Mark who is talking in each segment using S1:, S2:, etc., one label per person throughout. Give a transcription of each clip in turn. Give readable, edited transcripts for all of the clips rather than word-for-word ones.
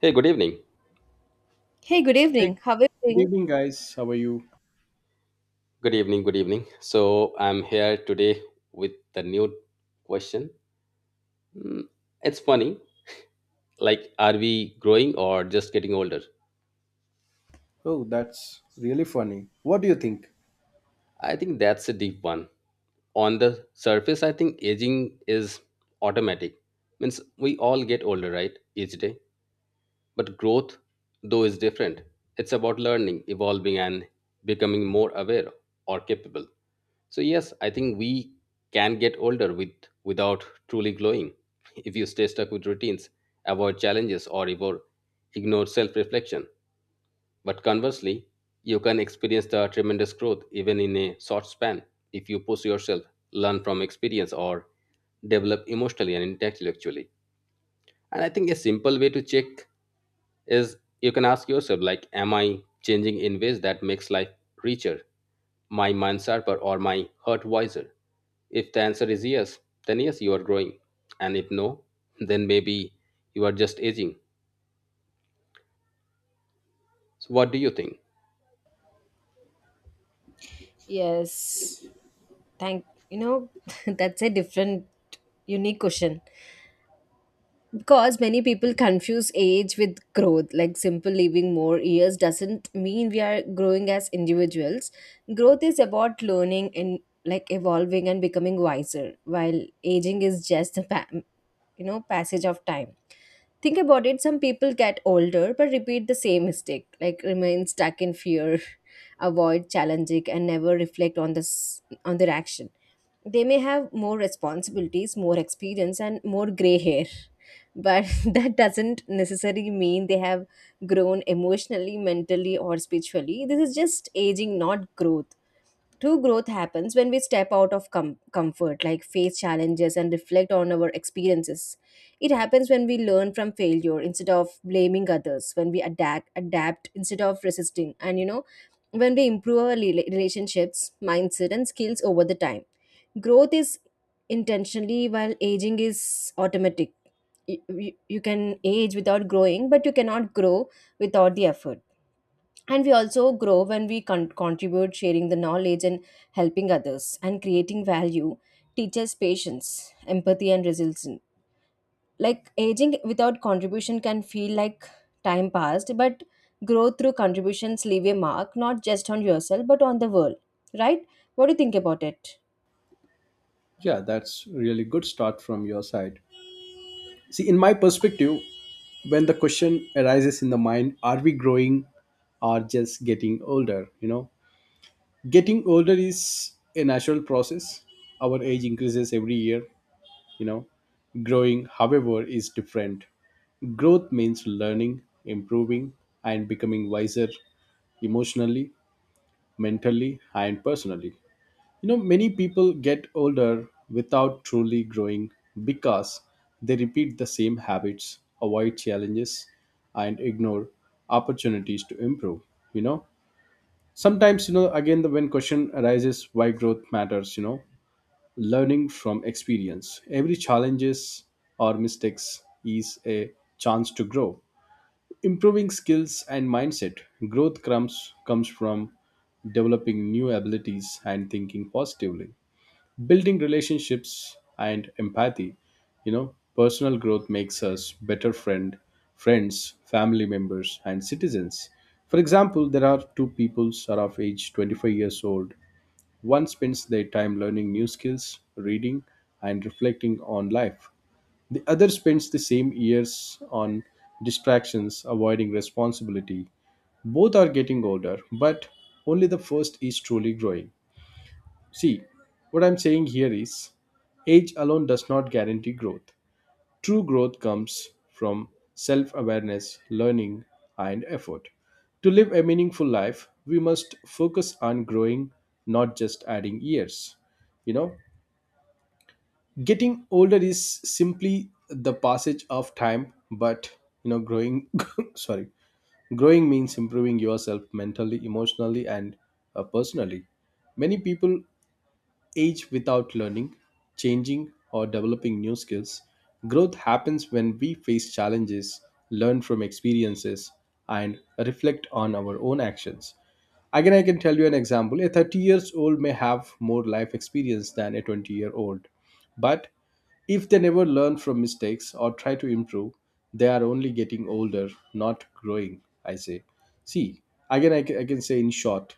S1: Hey, good evening.
S2: Hey, good
S3: Hey,
S2: evening. How are you
S3: good
S2: doing?
S3: evening, guys. How are you?
S1: Good evening. Good evening. So I'm here today with the new question. Mm, It's funny. Like, are we growing or just getting older?
S3: Oh, that's really funny. What do you think?
S1: I think that's a deep one. On the surface, I think aging is automatic. Means we all get older, right? Each day. But growth, though, is different. It's about learning, evolving, and becoming more aware or capable. So yes, I think we can get older without truly glowing. If you stay stuck with routines, avoid challenges, or ignore self-reflection. But conversely, you can experience the tremendous growth even in a short span if you push yourself, learn from experience, or develop emotionally and intellectually. And I think a simple way to check is you can ask yourself, like, am I changing in ways that makes life richer, my mind sharper, or my heart wiser? If the answer is yes, then yes, you are growing. And if no, then maybe you are just aging. So what do you think?
S2: Yes. Thank you know That's a different, unique question because many people confuse age with growth. Like, simple living more years doesn't mean we are growing as individuals. Growth is about learning and like evolving and becoming wiser, while aging is just the passage of time. Think about it, some people get older but repeat the same mistake, like remain stuck in fear, avoid challenging and never reflect on this, on their action. They may have more responsibilities, more experience, and more gray hair, but that doesn't necessarily mean they have grown emotionally, mentally, or spiritually. This is just aging, not growth. True growth happens when we step out of comfort, like face challenges and reflect on our experiences. It happens when we learn from failure instead of blaming others, when we adapt instead of resisting, and when we improve our relationships, mindset, and skills over the time. Growth is intentionally, while aging is automatic. You can age without growing, but you cannot grow without the effort. And we also grow when we contribute, sharing the knowledge and helping others and creating value teaches patience, empathy, and resilience. Like aging without contribution can feel like time passed, but growth through contributions leave a mark, not just on yourself but on the world, right? What do you think about it?
S3: Yeah, that's really good start from your side. See, in my perspective, when the question arises in the mind, are we growing or just getting older? You know, getting older is a natural process. Our age increases every year. You know, growing, however, is different. Growth means learning, improving, and becoming wiser emotionally, mentally, and personally. You know, many people get older without truly growing because they repeat the same habits, avoid challenges, and ignore opportunities to improve. You know, sometimes, you know, again, the when question arises why growth matters, you know, learning from experience. Every challenges or mistakes is a chance to grow. Improving skills and mindset. Growth comes from developing new abilities and thinking positively, building relationships and empathy. You know, personal growth makes us better friends, family members, and citizens. For example, there are two peoples are of age 25 years old. One spends their time learning new skills, reading, and reflecting on life. The other spends the same years on distractions, avoiding responsibility. Both are getting older, but only the first is truly growing. See, what I'm saying here is age alone does not guarantee growth. True growth comes from self awareness, learning, and effort. To live a meaningful life, we must focus on growing, not just adding years. You know, getting older is simply the passage of time, but you know, growing, sorry, growing means improving yourself mentally, emotionally, and personally. Many people age without learning, changing, or developing new skills. Growth happens when we face challenges, learn from experiences, and reflect on our own actions. Again, I can tell you an example. A 30 years old may have more life experience than a 20-year-old, but if they never learn from mistakes or try to improve, they are only getting older, not growing, I say. See, again, I can say in short,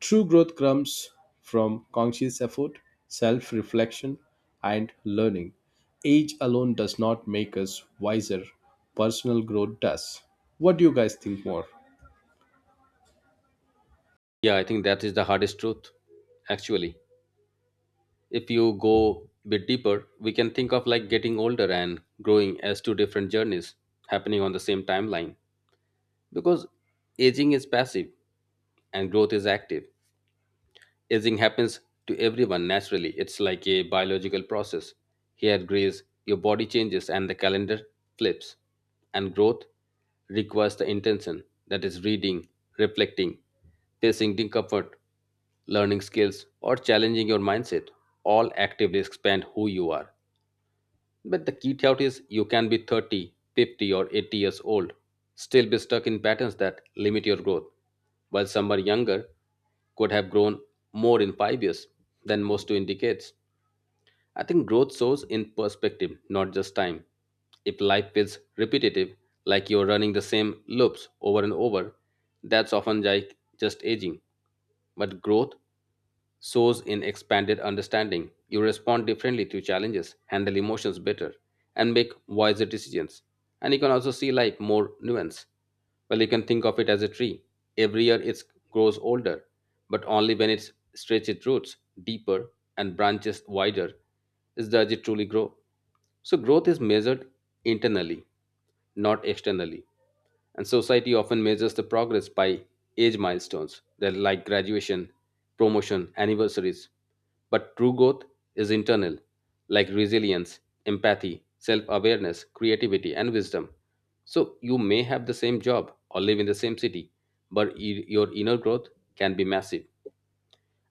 S3: true growth comes from conscious effort, self reflection, and learning. Age alone does not make us wiser, personal growth does. What do you guys think more?
S1: Yeah, I think that is the hardest truth, actually. If you go a bit deeper, we can think of like getting older and growing as two different journeys happening on the same timeline, because aging is passive and growth is active. Aging happens to everyone naturally. It's like a biological process. Hair grays, your body changes, and the calendar flips. And growth requires the intention, that is, reading, reflecting, facing discomfort, learning skills, or challenging your mindset. All actively expand who you are. But the key thought is you can be 30, 50, or 80 years old, still be stuck in patterns that limit your growth, while someone younger could have grown more in 5 years than most do in decades. I think growth shows in perspective, not just time. If life feels repetitive, like you're running the same loops over and over, that's often like just aging. But growth soars in expanded understanding. You respond differently to challenges, handle emotions better, and make wiser decisions. And you can also see life more nuanced. Well, you can think of it as a tree. Every year it grows older, but only when it stretches its roots deeper and branches wider is does it truly grow. So growth is measured internally, not externally. And society often measures the progress by age milestones, they're like graduation, promotion, anniversaries. But true growth is internal, like resilience, empathy, self awareness, creativity, and wisdom. So you may have the same job or live in the same city, but your inner growth can be massive.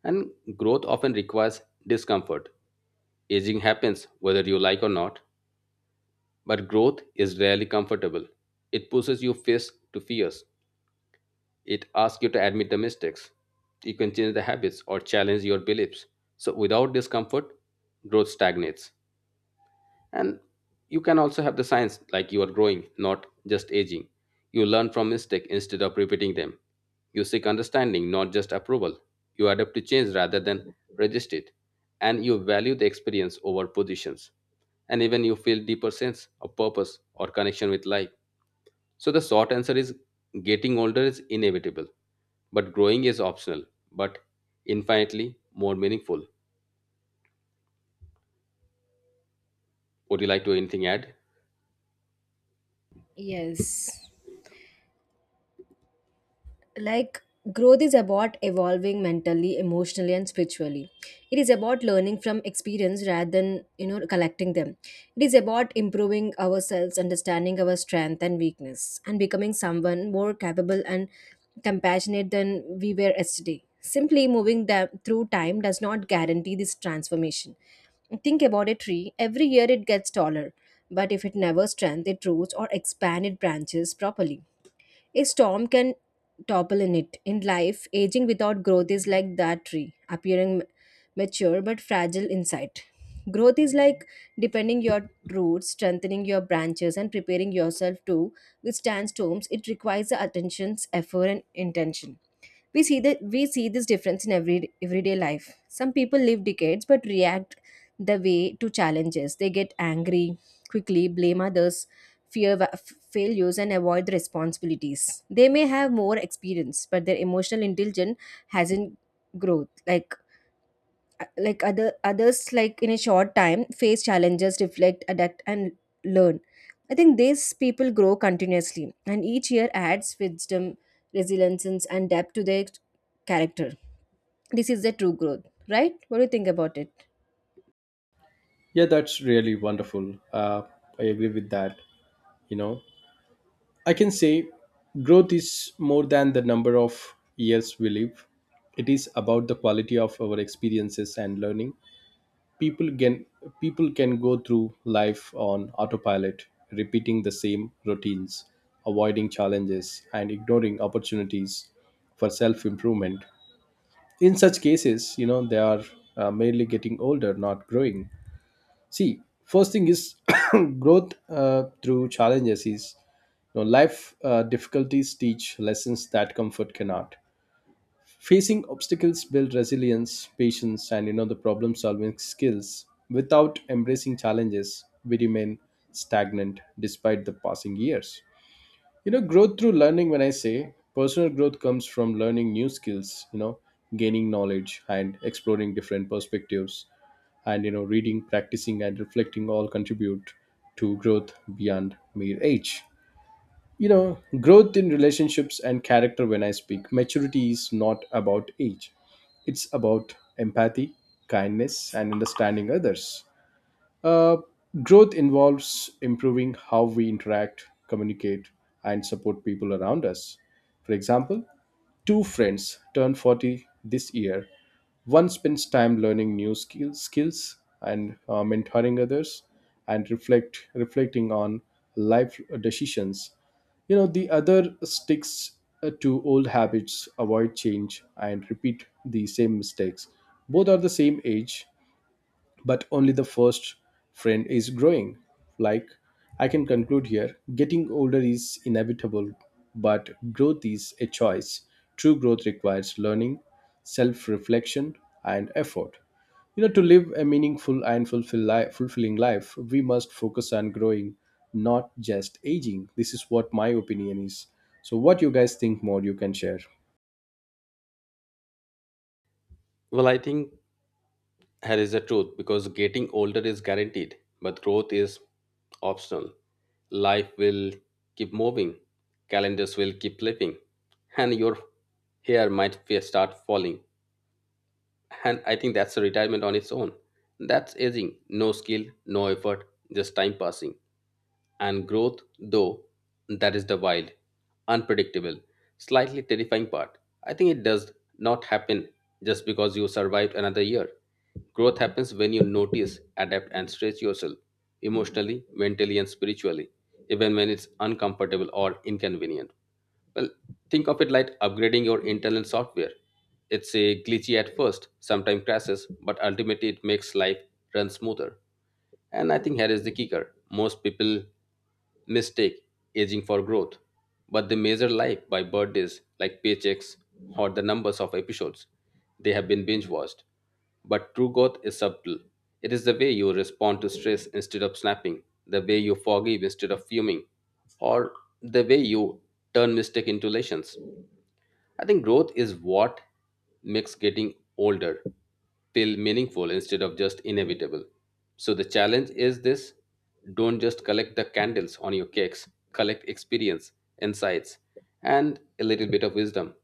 S1: And growth often requires discomfort. Aging happens whether you like or not. But growth is rarely comfortable. It pushes you face to fears. It asks you to admit the mistakes. You can change the habits or challenge your beliefs. So without discomfort, growth stagnates. And you can also have the signs like you are growing, not just aging. You learn from mistakes instead of repeating them. You seek understanding, not just approval. You adapt to change rather than resist it. And you value the experience over positions. And even you feel deeper sense of purpose or connection with life. So the short answer is, getting older is inevitable, but growing is optional, but infinitely more meaningful. Would you like to anything add?
S2: Yes. Like, growth is about evolving mentally, emotionally, and spiritually. It is about learning from experience rather than, collecting them. It is about improving ourselves, understanding our strength and weakness, and becoming someone more capable and compassionate than we were yesterday. Simply moving them through time does not guarantee this transformation. Think about a tree, every year it gets taller, but if it never strengthens its roots or expand its branches properly, a storm can topple in it. In life, aging without growth is like that tree, appearing mature but fragile inside. Growth is like deepening your roots, strengthening your branches, and preparing yourself to withstand storms. It requires the attention's effort and intention. We see this difference in every everyday life. Some people live decades but react the way to challenges. They get angry quickly, blame others, fear failures, and avoid the responsibilities. They may have more experience, but their emotional intelligence hasn't growth. Like like other others, like in a short time face challenges, reflect, adapt, and learn. I think these people grow continuously and each year adds wisdom, resilience, and depth to their character. This is the true growth, right? What do you think about it?
S3: Yeah, that's really wonderful. I agree with that. You know, I can say growth is more than the number of years we live. It is about the quality of our experiences and learning. People can people can go through life on autopilot, repeating the same routines, avoiding challenges, and ignoring opportunities for self-improvement. In such cases, you know, they are merely getting older, not growing. See, first thing is, growth through challenges is, you know, life difficulties teach lessons that comfort cannot. Facing obstacles build resilience, patience, and you know, the problem solving skills. Without embracing challenges, we remain stagnant despite the passing years. You know, growth through learning, when I say personal growth comes from learning new skills, you know, gaining knowledge and exploring different perspectives, and you know, reading, practicing, and reflecting all contribute to growth beyond mere age. You know, growth in relationships and character, when I speak, maturity is not about age, it's about empathy, kindness, and understanding others. uh, Growth involves improving how we interact, communicate, and support people around us. For example, two friends turn 40 this year. One spends time learning new skills and mentoring others and reflecting on life decisions. You know, the other sticks to old habits, avoid change, and repeat the same mistakes. Both are the same age, but only the first friend is growing. Like, I can conclude here, getting older is inevitable, but growth is a choice. True growth requires learning, self reflection, and effort. You know, to live a meaningful and fulfilling life, we must focus on growing, not just aging. This is what my opinion is. So, what you guys think more, you can share.
S1: Well, I think that is the truth because getting older is guaranteed, but growth is optional. Life will keep moving, calendars will keep flipping, and your hair might start falling. And I think that's a retirement on its own. That's aging. No skill, no effort, just time passing. And growth, though, that is the wild, unpredictable, slightly terrifying part. I think it does not happen just because you survived another year. Growth happens when you notice, adapt, and stretch yourself emotionally, mentally, and spiritually, even when it's uncomfortable or inconvenient. Well, think of it like upgrading your internal software. It's a glitchy at first, sometimes crashes, but ultimately it makes life run smoother. And I think here is the kicker: most people mistake aging for growth, but they measure life by birthdays, like paychecks or the numbers of episodes they have been binge watched. But true growth is subtle. It is the way you respond to stress instead of snapping, the way you forgive instead of fuming, or the way you turn mistake into lessons. I think growth is what makes getting older feel meaningful instead of just inevitable. So the challenge is this: don't just collect the candles on your cakes, collect experience, insights, and a little bit of wisdom.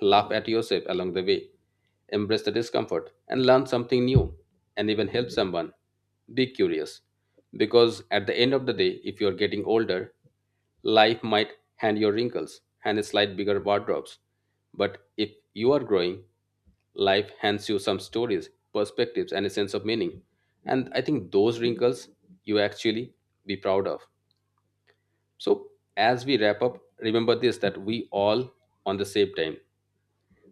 S1: Laugh at yourself along the way, embrace the discomfort, and learn something new, and even help someone. Be curious. Because at the end of the day, if you're getting older, life might hand you wrinkles and a slight bigger wardrobes, but if you are growing, life hands you some stories, perspectives, and a sense of meaning. And I think those wrinkles you actually be proud of. So as we wrap up, remember this, that we all on the same time.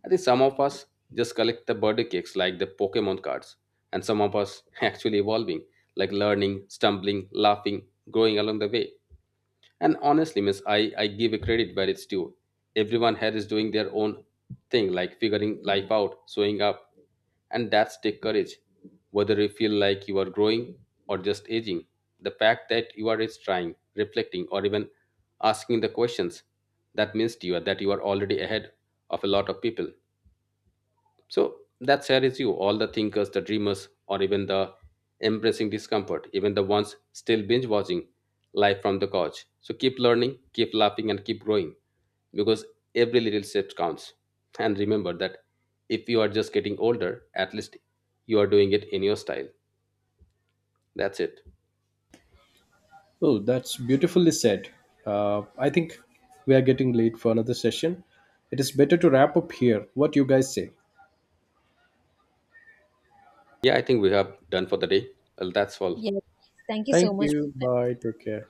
S1: I think some of us just collect the birthday cakes like the Pokemon cards, and some of us actually evolving, like learning, stumbling, laughing, growing along the way. And honestly, miss, I give a credit where it's due. Everyone here is doing their own thing, like figuring life out, showing up, and that's take courage. Whether you feel like you are growing or just aging, the fact that you are is trying, reflecting, or even asking the questions, that means to you that you are already ahead of a lot of people. So that saddens you, all the thinkers, the dreamers, or even the embracing discomfort, even the ones still binge watching live from the couch. So keep learning, keep laughing, and keep growing, because every little step counts. And remember that if you are just getting older, at least you are doing it in your style. That's it.
S3: Oh, that's beautifully said. I think we are getting late for another session. It is better to wrap up here. What you guys say?
S1: Yeah, I think we have done for the day. Well, that's all.
S2: Yes. Thank you so
S3: Thank
S2: much.
S3: you. Bye. Take care.